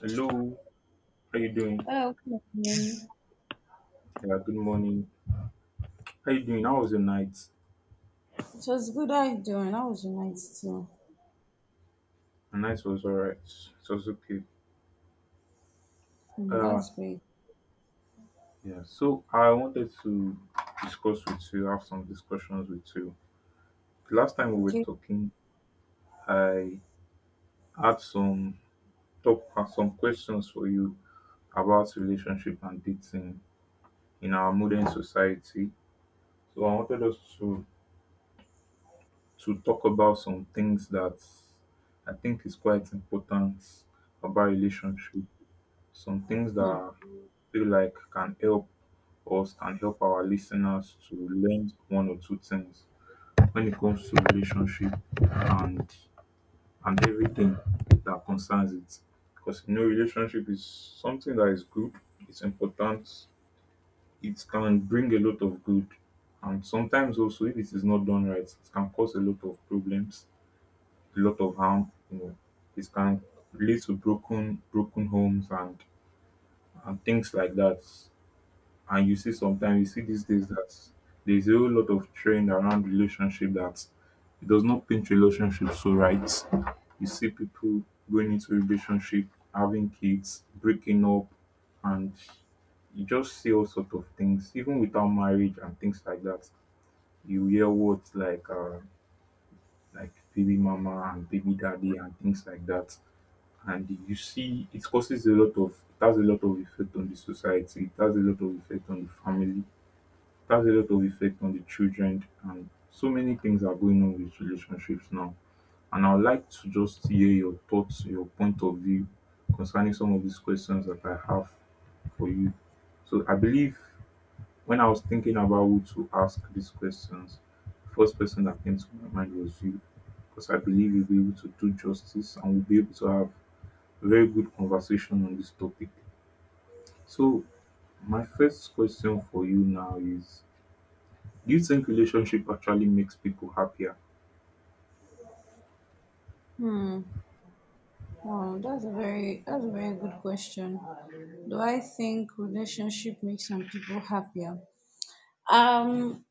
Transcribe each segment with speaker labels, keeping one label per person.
Speaker 1: Hello, how you doing?
Speaker 2: Hello, good evening.
Speaker 1: Yeah, good morning. How you doing? How was your night?
Speaker 2: It was good. How you doing? How was your night too?
Speaker 1: My night was alright. It was okay.
Speaker 2: Hmm,
Speaker 1: Uh
Speaker 2: that's great.
Speaker 1: yeah. So I wanted to discuss with you, have some discussions with you. The last time we were
Speaker 2: Okay.
Speaker 1: talking, I had some top some questions for you about relationship and dating in our modern society. So I wanted us to talk about some things that I think is quite important about relationship, some things that
Speaker 2: Hmm.
Speaker 1: I feel like can help us, can help our listeners to learn one or two things when it comes to relationship, and and everything that concerns it. Because you know, relationship is something that is good, it's important, it can bring a lot of good. And sometimes also if it is not done right, it can cause a lot of problems, a lot of harm, you know. It can lead to broken homes and things like that. And you see sometimes you see these days that there's a whole lot of trend around relationship that it does not paint relationship so right. You see people going into relationship, having kids, breaking up, and you just see all sorts of things, even without marriage and things like that. You hear words like baby mama and baby daddy and things like that. And you see it has a lot of effect on the society, it has a lot of effect on the family, that's a lot of effect on the children, and so many things are going on with relationships now. And I would like to just hear your thoughts, your point of view concerning some of these questions that I have for you. So I believe when I was thinking about who to ask these questions, the first person that came to my mind was you. Because I believe you'll be able to do justice and we'll be able to have a very good conversation on this topic. So my first question for you now is, do you think relationship actually makes people happier?
Speaker 2: Hmm. Wow, that's a very good question. Do I think relationship makes some people happier? Um,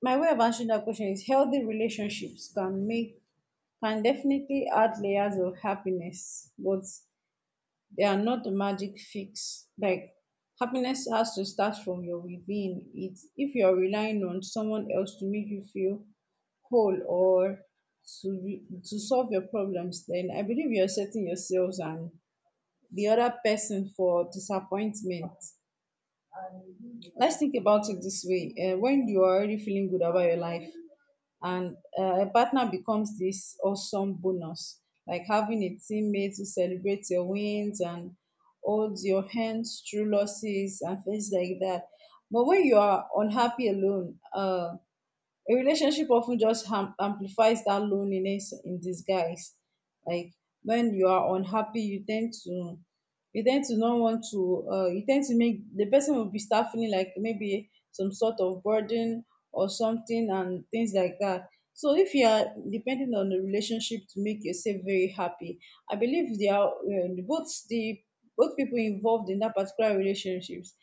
Speaker 2: my way of answering that question is healthy relationships can make can definitely add layers of happiness, but they are not a magic fix. Like happiness has to start from your within. It's if you're relying on someone else to make you feel whole or to solve your problems, then I believe you're setting yourselves and the other person for disappointment. Let's think about it this way. When you are already feeling good about your life, and a partner becomes this awesome bonus, like having a teammate who celebrates your wins and holds your hands through losses and things like that. But when you are unhappy alone, a relationship often just amplifies that loneliness in disguise. Like when you are unhappy, you tend to not want to, you tend to make the person will be start feeling like maybe some sort of burden or something and things like that. So if you are depending on the relationship to make yourself very happy, I believe they are, both people involved in that particular relationships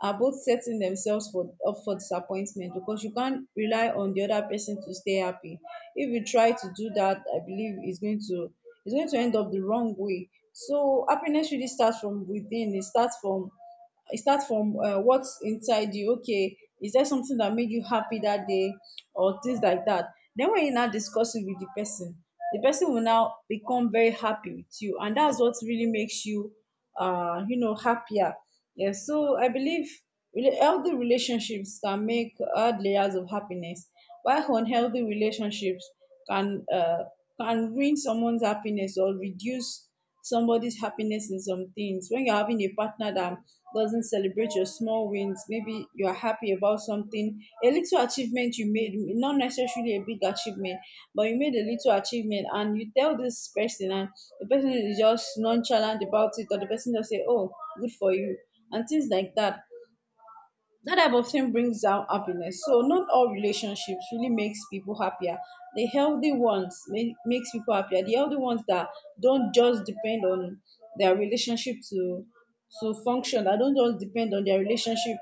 Speaker 2: are both setting themselves for up for disappointment, because you can't rely on the other person to stay happy. If you try to do that, I believe it's going to end up the wrong way. So happiness really starts from within. It starts from what's inside you. Okay, is there something that made you happy that day, or things like that? Then when you now discuss it with the person will now become very happy with you, and that's what really makes you, happier. Yeah, so I believe healthy relationships can make hard layers of happiness, while unhealthy relationships can uh, can ruin someone's happiness or reduce somebody's happiness in some things. When you're having a partner that doesn't celebrate your small wins, maybe you are happy about something, a little achievement you made, not necessarily a big achievement, but you made a little achievement, and you tell this person, and the person is just nonchalant about it, or the person just say, "Oh, good for you," and things like that. That type of thing brings out happiness. So not all relationships really makes people happier. The healthy ones makes people happier. The healthy ones that don't just depend on their relationship to function. That don't just depend on their relationship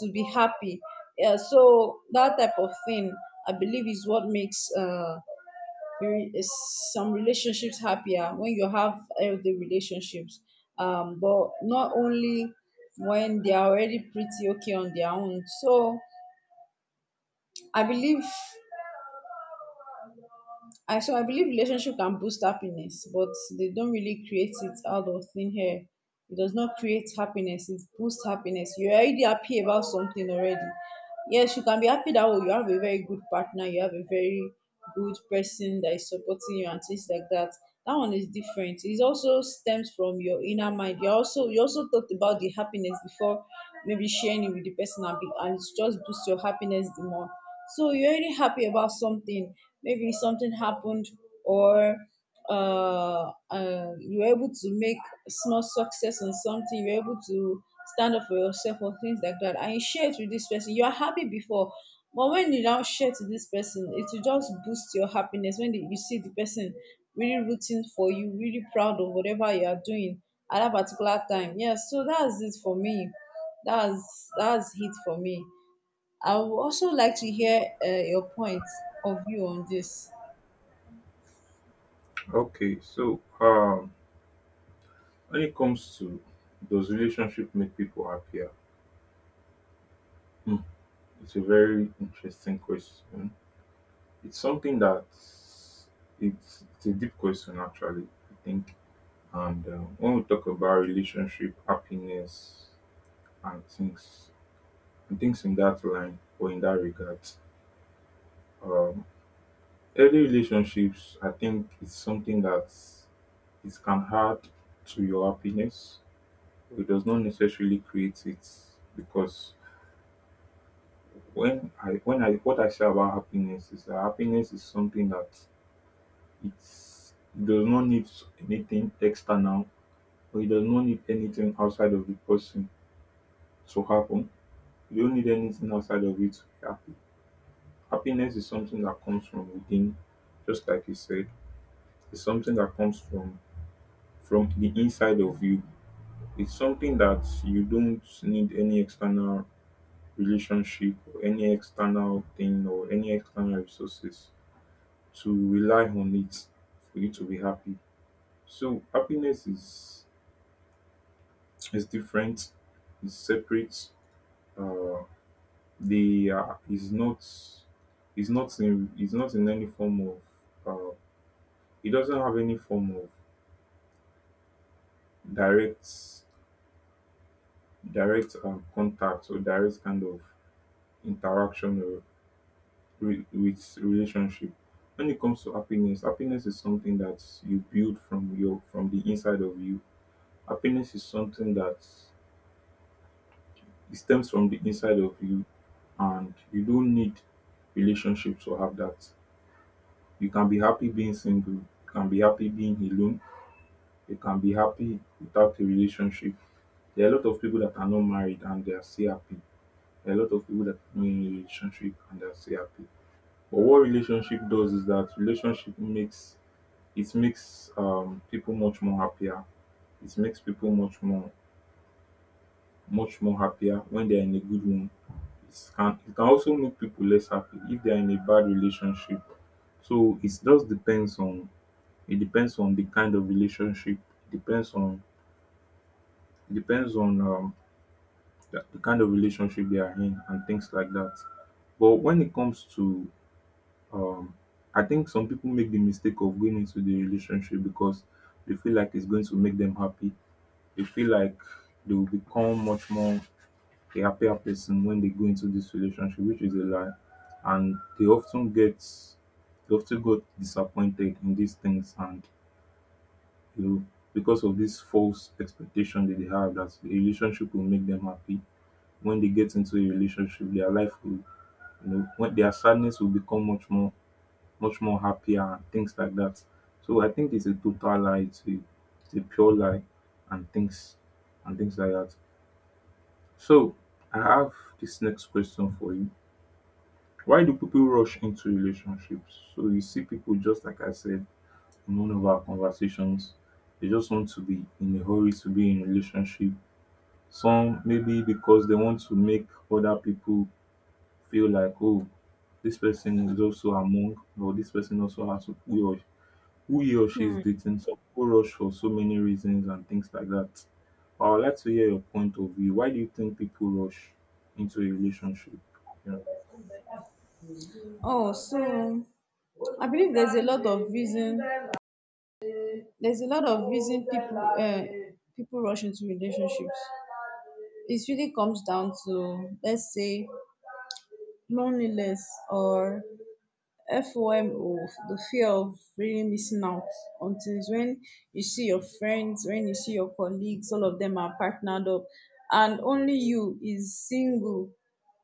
Speaker 2: to be happy. Yeah, so that type of thing I believe is what makes is some relationships happier when you have healthy relationships, but not only when they are already pretty okay on their own. So i believe I believe relationship can boost happiness, but they don't really create it out of thin air. It does not create happiness, it boosts happiness. You're already happy about something already. Yes, you can be happy that, oh, you have a very good partner, you have a very good person that is supporting you and things like that. That one is different. It also stems from your inner mind. You also talked about the happiness before maybe sharing it with the person, and, be, and it just boosts your happiness the more. So you're really happy about something. Maybe something happened, or you're able to make small success on something. You're able to stand up for yourself or things like that, and you share it with this person. You are happy before, but when you now share to this person, it will just boost your happiness. When you see the person really rooting for you, really proud of whatever you are doing at that particular time. Yes, so that's it for me. That's it for me. I would also like to hear your point of view on this.
Speaker 1: Okay, so when it comes to, does relationship make people happier? Hmm, it's a very interesting question. It's something that it's a deep question actually. I think, and when we talk about relationship happiness and things and things in that line or in that regard, um, early relationships, I think it's something that it can add to your happiness. It does not necessarily create it, because when I what I say about happiness is that happiness is something that it does not need anything external, or it does not need anything outside of the person to happen. You don't need anything outside of it to be happy. Happiness is something that comes from within, just like you said. It's something that comes from the inside of you. It's something that you don't need any external relationship or any external thing or any external resources to rely on it for you to be happy. So happiness is different, is separate. Uh, they are is not in any form of uh, it doesn't have any form of direct direct contact or direct kind of interaction with relationship. When it comes to happiness, happiness is something that you build from your from the inside of you. Happiness is something that it stems from the inside of you, and you don't need relationship to have that. You can be happy being single, you can be happy being alone, you can be happy without a relationship. There are a lot of people that are not married and they are still happy. There are a lot of people that are not in a relationship and they are still happy. But what relationship does is that relationship makes, it makes people much more happier. It makes people much more happier when they're in a good one. It can also make people less happy if they're in a bad relationship. So it just depends on, it depends on the kind of relationship. It depends on, it depends on the kind of relationship they are in and things like that. But when it comes to um, I think some people make the mistake of going into the relationship because they feel like it's going to make them happy. They feel like they will become much more a happier person when they go into this relationship, which is a lie. And they often get, they often got disappointed in these things, and you know, because of this false expectation that they have that a relationship will make them happy. When they get into a relationship, their life will, you know, when their sadness will become much more happier and things like that. So I think it's a total lie, it's a pure lie and things and things like that. So I have this next question for you. Why do people rush into relationships? So you see people, just like I said in one of our conversations, they just want to be in a hurry to be in relationship. Some maybe because they want to make other people feel like, oh, this person is also among, or this person also has to, who he or she is
Speaker 2: Hmm.
Speaker 1: dating. Some people rush for so many reasons and things like that. I would like to hear your point of view. Why do you think people rush into a relationship? Yeah,
Speaker 2: Oh, so I believe there's a lot of reason. There's a lot of reason people rush into relationships. It really comes down to, let's say, loneliness or FOMO, the fear of really missing out on things. When you see your friends, when you see your colleagues, all of them are partnered up, and only you is single.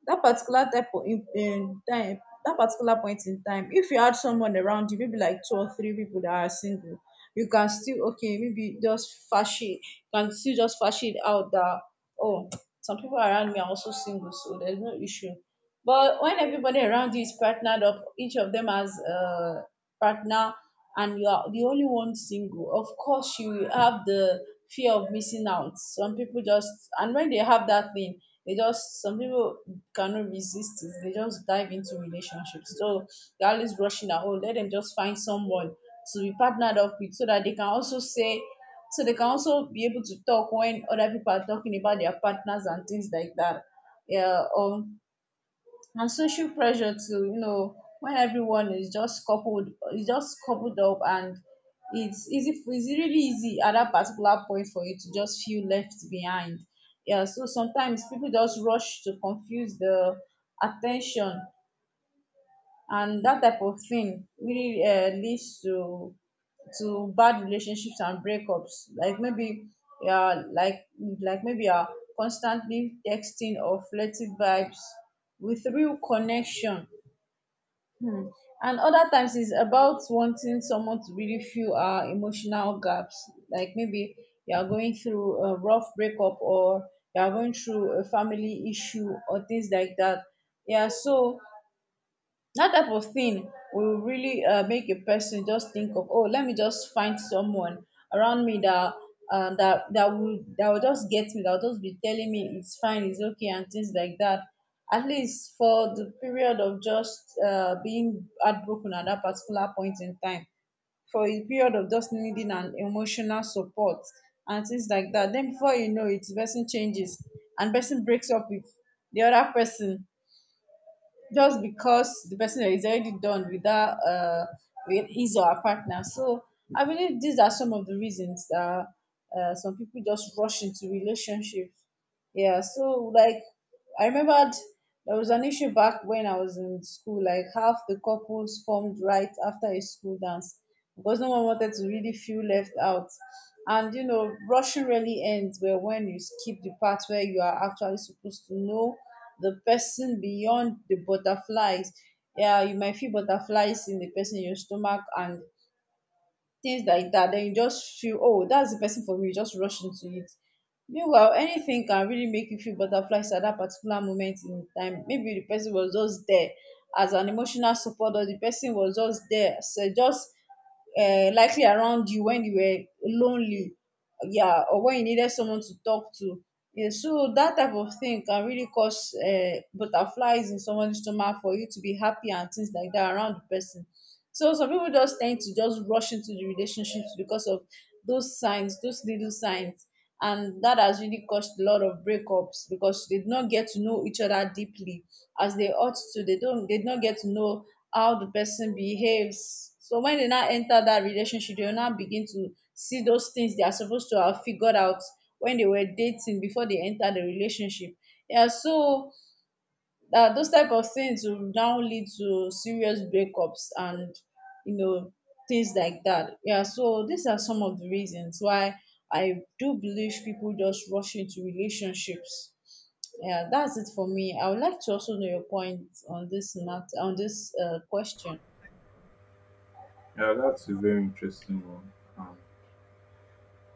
Speaker 2: That particular point in time, if you had someone around you, maybe like two or three people that are single, you can still okay maybe just fash it, can still just fash it out that, oh, some people around me are also single, so there's no issue. But when everybody around you is partnered up, each of them has a partner, and you are the only one single, of course you will have the fear of missing out. Some people just, and when they have that thing, they just some people cannot resist it. They just dive into relationships. So they're always rushing out. Oh, let them just find someone to be partnered up with, so that they can also say, so they can also be able to talk when other people are talking about their partners and things like that. Yeah, or, and social pressure too, you know, when everyone is just coupled up, and it's really easy at that particular point for you to just feel left behind. Yeah, so sometimes people just rush to confuse the attention, and that type of thing really, leads to bad relationships and breakups, like maybe, yeah, like, maybe are constantly texting or flirty vibes with real connection. um and other times it's about wanting someone to really feel our emotional gaps, like maybe you are going through a rough breakup, or you are going through a family issue or things like that. Yeah, so that type of thing will really, make a person just think of, oh, let me just find someone around me that, that will just get me, that will just be telling me it's fine, it's okay, and things like that, at least for the period of just, being heartbroken at that particular point in time, for a period of just needing an emotional support and things like that. Then before you know it, the person changes, and person breaks up with the other person, just because the person is already done with that, with his or her partner. So I believe these are some of the reasons that, some people just rush into relationships. Yeah, so like, I remembered there was an issue back when I was in school, like half the couples formed right after a school dance because no one wanted to really feel left out. And rushing really ends where, when you skip the part where you are actually supposed to know the person beyond the butterflies. Yeah, you might feel butterflies in the person in your stomach and things like that, then you just feel, oh, that's the person for me, you just rush into it. Meanwhile, anything can really make you feel butterflies at that particular moment in time. Maybe the person was just there as an emotional support, or the person was just there, so just, likely around you when you were lonely, yeah, or when you needed someone to talk to. Yeah, so that type of thing can really cause, butterflies in someone's stomach for you to be happy and things like that around the person. So some people just tend to just rush into the relationships because of those signs, those little signs. And that has really caused a lot of breakups because they did not get to know each other deeply as they ought to. They did not get to know how the person behaves. So when they now enter that relationship, they will now begin to see those things they are supposed to have figured out when they were dating before they enter the relationship. Yeah, so, those type of things will now lead to serious breakups and, you know things like that. Yeah, so these are some of the reasons why I do believe people just rush into relationships. Yeah, that's it for me. I would like to also know your point on this matter, on this, question.
Speaker 1: yeah, that's a very interesting one.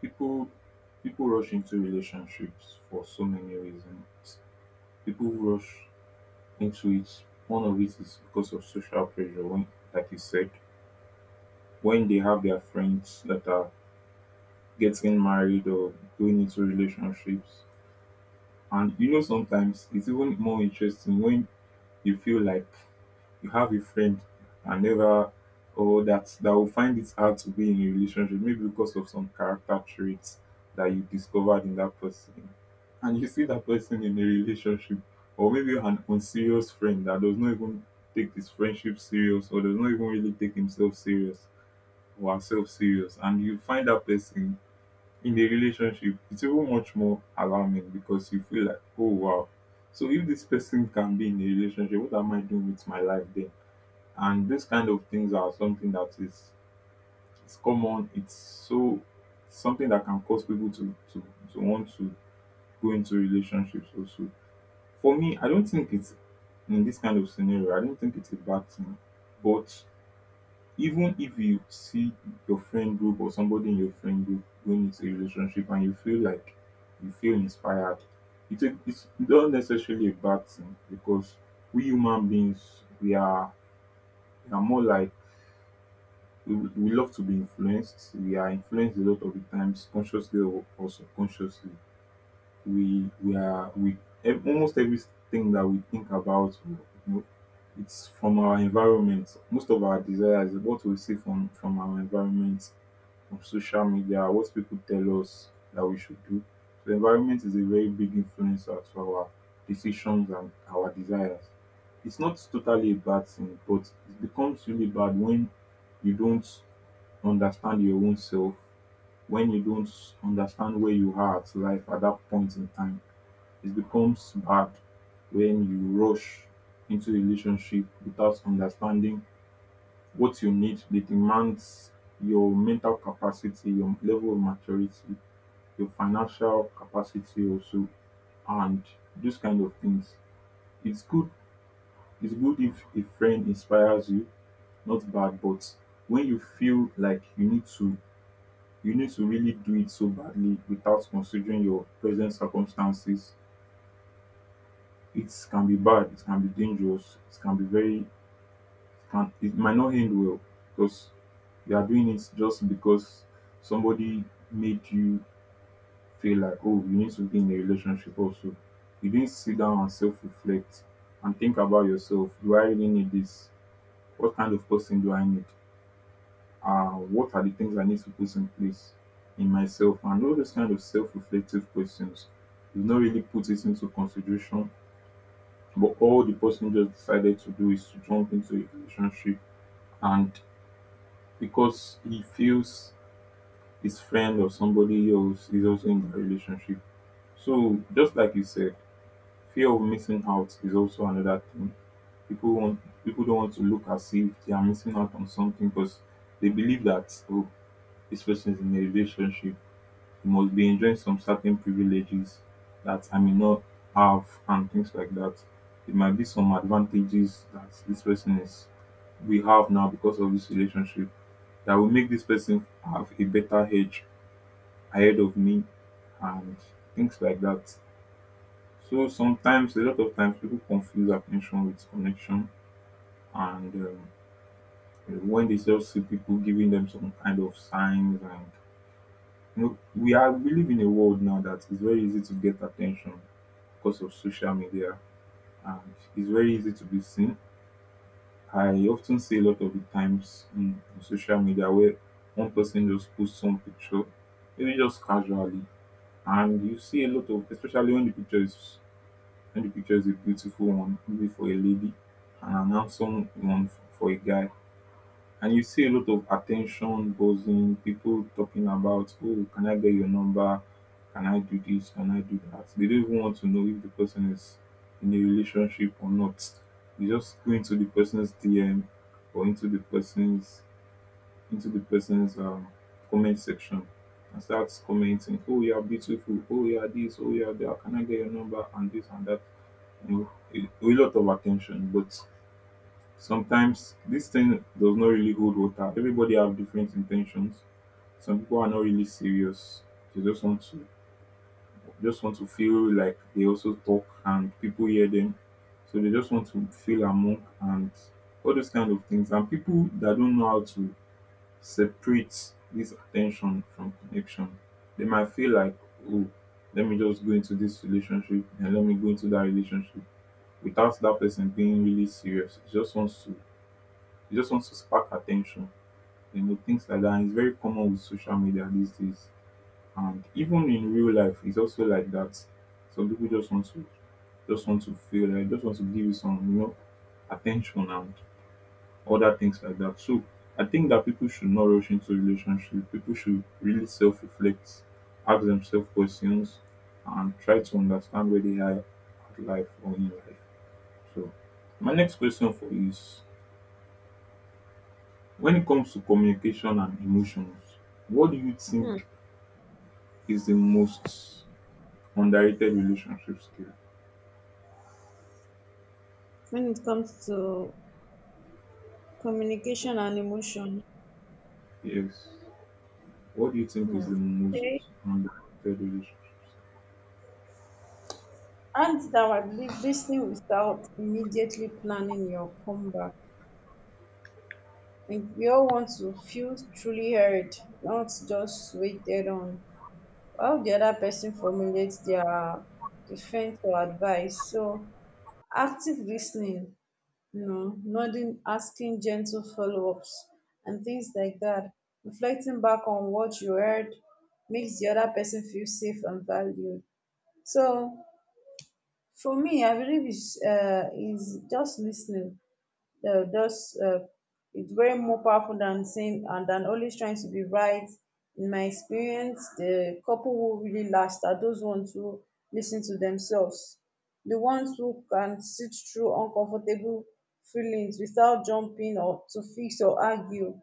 Speaker 1: people people rush into relationships for so many reasons. People rush into it. One of it is because of social pressure. When, like you said, when they have their friends that are getting married or going into relationships. And you know, sometimes it's even more interesting when you feel like you have a friend, and never or that will find it hard to be in a relationship, maybe because of some character traits that you discovered in that person. And you see that person in a relationship, or maybe an unserious friend that does not even take his friendship serious, or does not even really take himself serious or herself serious, and you find that person in a relationship, it's even much more alarming, because you feel like, oh wow, so if this person can be in a relationship, what am I doing with my life then? And those kind of things are something that is, it's common, it's so something that can cause people to want to go into relationships also. For me, I don't think it's, in this kind of scenario, I don't think it's a bad thing. But even if you see your friend group or somebody in your friend group going into a relationship and you feel like, you feel inspired, it's not necessarily a bad thing, because we human beings, we are more like we love to be influenced. We are influenced a lot of the times, consciously or subconsciously. We are we ev- Almost everything that we think about, you know, it's from our environment. Most of our desires, what we see from our environment, of social media, what people tell us that we should do. So environment is a very big influencer to our decisions and our desires. It's not totally a bad thing, but it becomes really bad when you don't understand your own self, when you don't understand where you are at life at that point in time. It becomes bad when you rush into a relationship without understanding what you need, dey demands your mental capacity, your level of maturity, your financial capacity also, and those kind of things. It's good it's good if a friend inspires you, not bad, but when you feel like you need to, you need to really do it so badly without considering your present circumstances, it can be bad, it can be dangerous, it can be very, and it might not end well, because you are doing it just because somebody made you feel like, oh, you need to be in a relationship also. You didn't sit down and self reflect and think about yourself. Do I really need this? What kind of person do I need? What are the things I need to put in place in myself? And all those kind of self reflective questions. You've not really put it into consideration, but all the person just decided to do is to jump into a relationship, and because he feels his friend or somebody else is also in that relationship. So just like you said, fear of missing out is also another thing. People don't want to look as if they are missing out on something because they believe that, oh, this person is in a relationship, he must be enjoying some certain privileges that I may not have, and things like that. There might be some advantages that this person is we have now because of this relationship that will make this person have a better edge ahead of me and things like that. So sometimes, a lot of times, people confuse attention with connection, and when they just see people giving them some kind of signs and we live in a world now that it's very easy to get attention because of social media, and it's very easy to be seen. I often see a lot of the times in social media where one person just posts some picture, maybe just casually, and you see a lot of, especially when the picture is a beautiful one, maybe for a lady, and an handsome one for a guy, and you see a lot of attention buzzing, people talking about, oh, can I get your number, can I do this, can I do that. They don't even want to know if the person is in a relationship or not. They just go into the person's DM, or into the person's comment section and starts commenting, "Oh, you are beautiful. Oh, you are this. Oh, you are that. Can I get your number?" and this and that. You know, a lot of attention. But sometimes this thing does not really hold water. Everybody have different intentions. Some people are not really serious. They just want to feel like they also talk and people hear them. So they just want to feel among and all those kind of things. And people that don't know how to separate this attention from connection, they might feel like, oh, let me just go into this relationship and let me go into that relationship without that person being really serious. It just wants to spark attention, you know, things like that. And it's very common with social media these days, and even in real life it's also like that. Some people just want to give you some, you know, attention and other things like that. So I think that people should not rush into relationship. People should really self reflect, ask themselves questions, and try to understand where they are at life or in life. So my next question for you is, when it comes to communication and emotions, what do you think is the most underrated relationship skill?
Speaker 2: When it comes to communication and emotion.
Speaker 1: Yes. What do you think is
Speaker 2: Hmm.
Speaker 1: the most underrated relationship skill?
Speaker 2: And that I believe listening without immediately planning your comeback. If we all want to feel truly heard, not just waited on, while the other person formulates their defense or advice. So active listening, nodding, asking gentle follow-ups and things like that. Reflecting back on what you heard makes the other person feel safe and valued. So for me, I believe it's, is just listening just it's very more powerful than saying and than always trying to be right. In my experience, the couple who really last are those ones who listen to themselves, the ones who can sit through uncomfortable feelings without jumping or to fix or argue.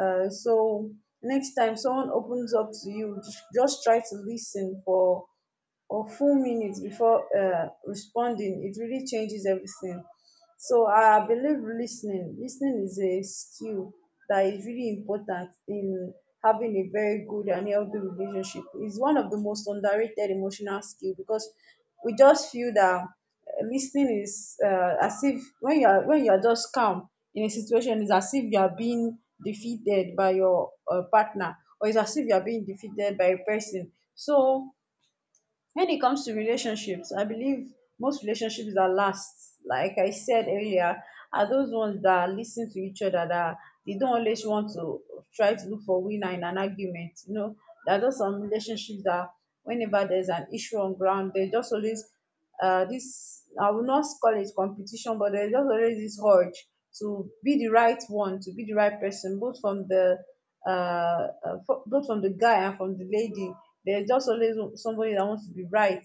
Speaker 2: So next time someone opens up to you, just try to listen for or full minutes before responding, it really changes everything. So I believe listening is a skill that is really important in having a very good and healthy relationship. It's one of the most underrated emotional skill because we just feel that listening is as if when you are just calm in a situation, it's as if you are being defeated by your partner, or it's as if you are being defeated by a person. So when it comes to relationships, I believe most relationships that last, like I said earlier, are those ones that listen to each other, that they don't always want to try to look for winner in an argument. You know, there are just some relationships that whenever there's an issue on ground, they just always this I will not call it competition, but there's just always this urge to be the right one, to be the right person, both from the uh, both from the guy and from the lady. There's just always somebody that wants to be right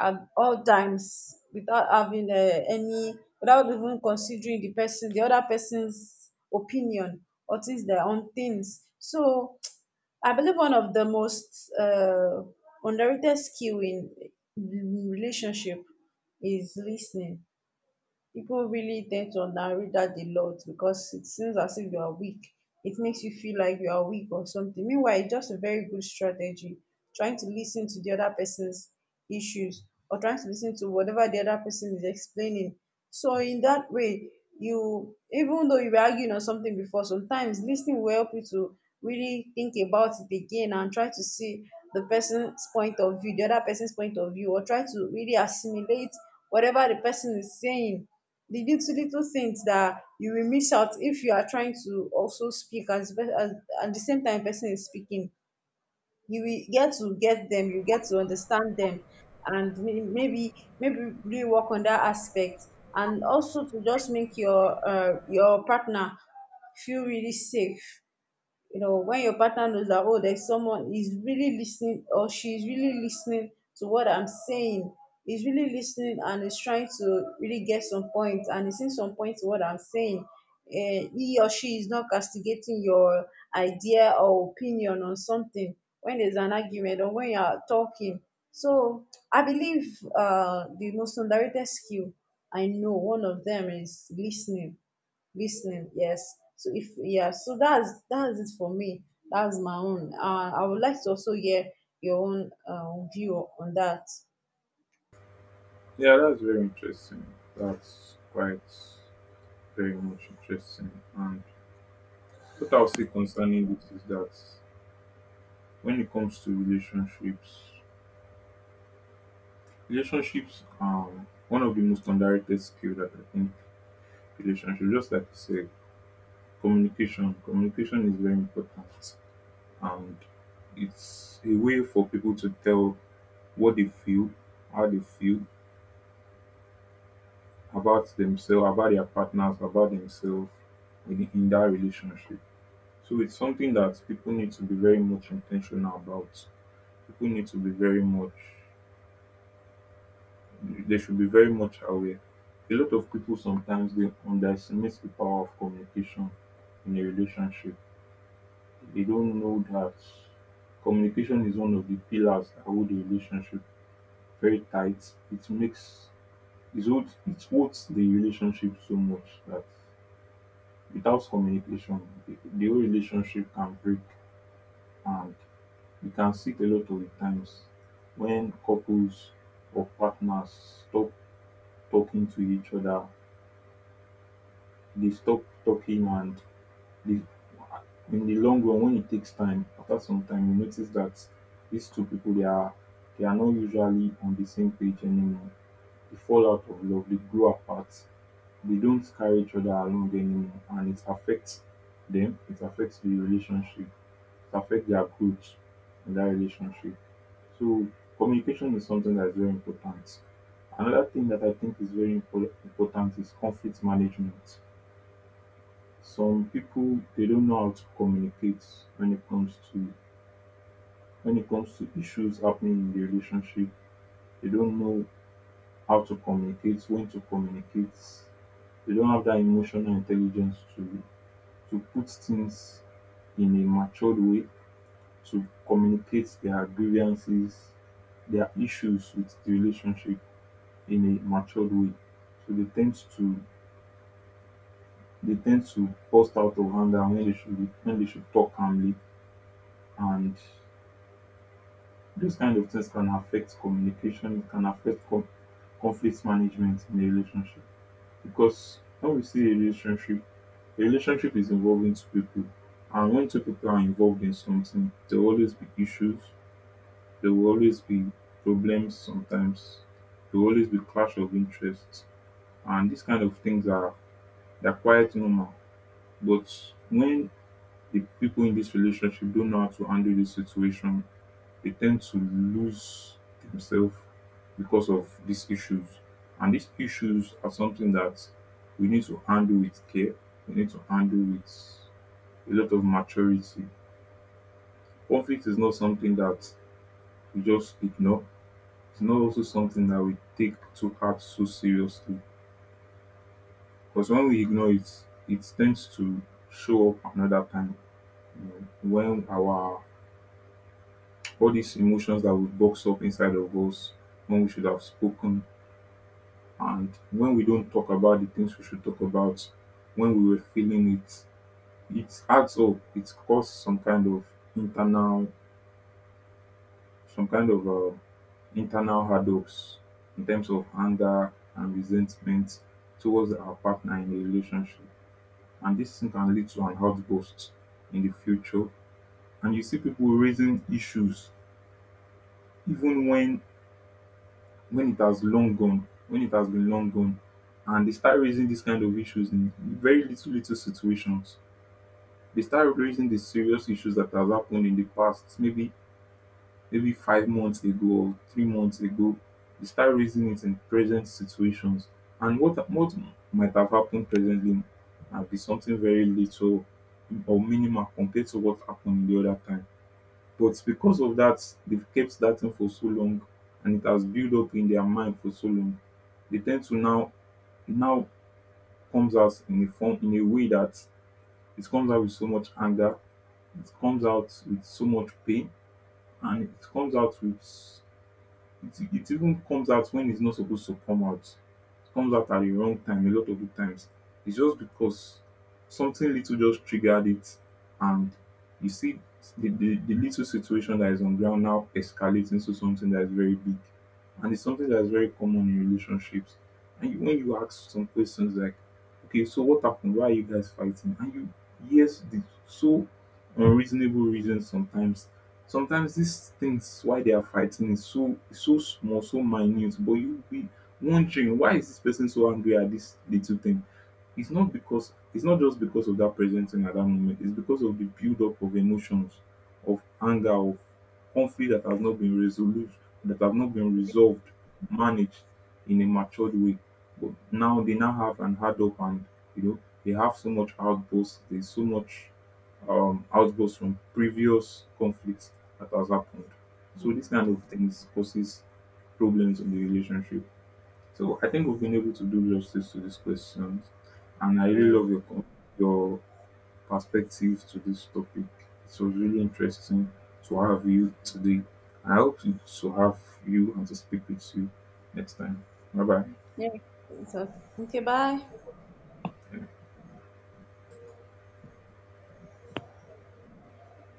Speaker 2: at all times without having without even considering the person, the other person's opinion or things their own things. So I believe one of the most underrated skill in relationship is listening. People really tend to underread that a lot because it seems as if you are weak. It makes you feel like you are weak or something. Meanwhile, it's just a very good strategy. Trying to listen to the other person's issues or trying to listen to whatever the other person is explaining. So in that way, you even though you were arguing on something before, sometimes listening will help you to really think about it again and try to see the person's point of view, the other person's point of view, or try to really assimilate whatever the person is saying, the little little things that you will miss out if you are trying to also speak as at the same time person is speaking. You will get to get them you get to understand them, and maybe really work on that aspect, and also to just make your partner feel really safe. You know, when your partner knows that, oh, there's someone is really listening or she's really listening to what I'm saying. Is really listening and is trying to really get some points, and he's seeing some points to what I'm saying. He or she is not castigating your idea or opinion on something when there's an argument or when you're talking. So I believe the most underrated skill, I know one of them is listening. Listening, yes. So if yeah so that's it for me. That's my own. I would like to also hear your own view on that.
Speaker 1: Yeah, that's very interesting. That's quite very much interesting. And what I'll say concerning this is that when it comes to relationships, relationships are one of the most underrated skill that I think. Relationships, just like you said, communication. Communication is very important, and it's a way for people to tell what they feel, how they feel about themselves, about their partners, about themselves in that relationship. So it's something that people need to be very much intentional about. People need to be very much They should be very much aware. A lot of people sometimes they underestimate the power of communication in a relationship. They don't know that communication is one of the pillars that hold the relationship very tight. It makes it holds the relationship so much that without communication, the whole relationship can break. And we can see it a lot of the times when couples or partners stop talking to each other. They stop talking, and they, in the long run, when it takes time, after some time, you notice that these two people they are not usually on the same page anymore. They fall out of love, they grow apart, they don't carry each other along anymore, and it affects them, it affects the relationship, it affects their growth in that relationship. So communication is something that's very important. Another thing that I think is very important is conflict management. Some people they don't know how to communicate when it comes to, issues happening in the relationship. They don't know how to communicate, when to communicate. They don't have that emotional intelligence to put things in a matured way, to communicate their grievances, their issues with the relationship in a matured way. So they tend to burst out of anger when they should, talk calmly. And these kind of things can affect communication, it can affect conflict management in a relationship. Because when we see a relationship is involving two people. And when two people are involved in something, there will always be issues, there will always be problems sometimes, there will always be clash of interests. And these kind of things are, they're quite normal. But when the people in this relationship don't know how to handle this situation, they tend to lose themselves because of these issues. And these issues are something that we need to handle with care, we need to handle with a lot of maturity. Conflict is not something that we just ignore, it's not also something that we take to heart so seriously. Because when we ignore it, it tends to show up another time. You know, when our, all these emotions that we box up inside of us, when we should have spoken, and when we don't talk about the things we should talk about when we were feeling it, it adds up. It causes some kind of internal, some kind of internal hurdles in terms of anger and resentment towards our partner in a relationship. And this thing can lead to an outburst in the future. And you see people raising issues even when it has long gone, when it has been long gone, and they start raising these kind of issues in very little little situations. They start raising the serious issues that have happened in the past, maybe maybe 5 months ago or 3 months ago. They start raising it in present situations. And what might have happened presently might be something very little or minimal compared to what happened the other time. But because of that, they've kept that thing for so long and it has built up in their mind for so long. They tend to now, it now comes out in a form, in a way that it comes out with so much anger, it comes out with so much pain, and it comes out with, it even comes out when it's not supposed to come out. It comes out at the wrong time a lot of the times. It's just because something little just triggered it, and you see the little situation that is on ground now escalates into something that is very big. And it's something that is very common in relationships. And when you ask some questions like, okay, so what happened? Why are you guys fighting? And yes, the so unreasonable reasons sometimes. Sometimes these things why they are fighting is so so small, so minute, but you'll be wondering, why is this person so angry at this little thing? It's not just because of that present thing at that moment, it's because of the build-up of emotions, of anger, of conflict that has not been resolved, that have not been resolved, managed in a matured way. But now they now have an hard up, and you know, they have so much outbursts, there's so much outbursts from previous conflicts that has happened. So this kind of things causes problems in the relationship. So I think we've been able to do justice to these questions, and I really
Speaker 2: Yeah.
Speaker 1: love your your perspective to this topic. It was really interesting to have you today. I hope to have you and to speak with you next time. Bye bye.
Speaker 2: Yeah. So okay, bye.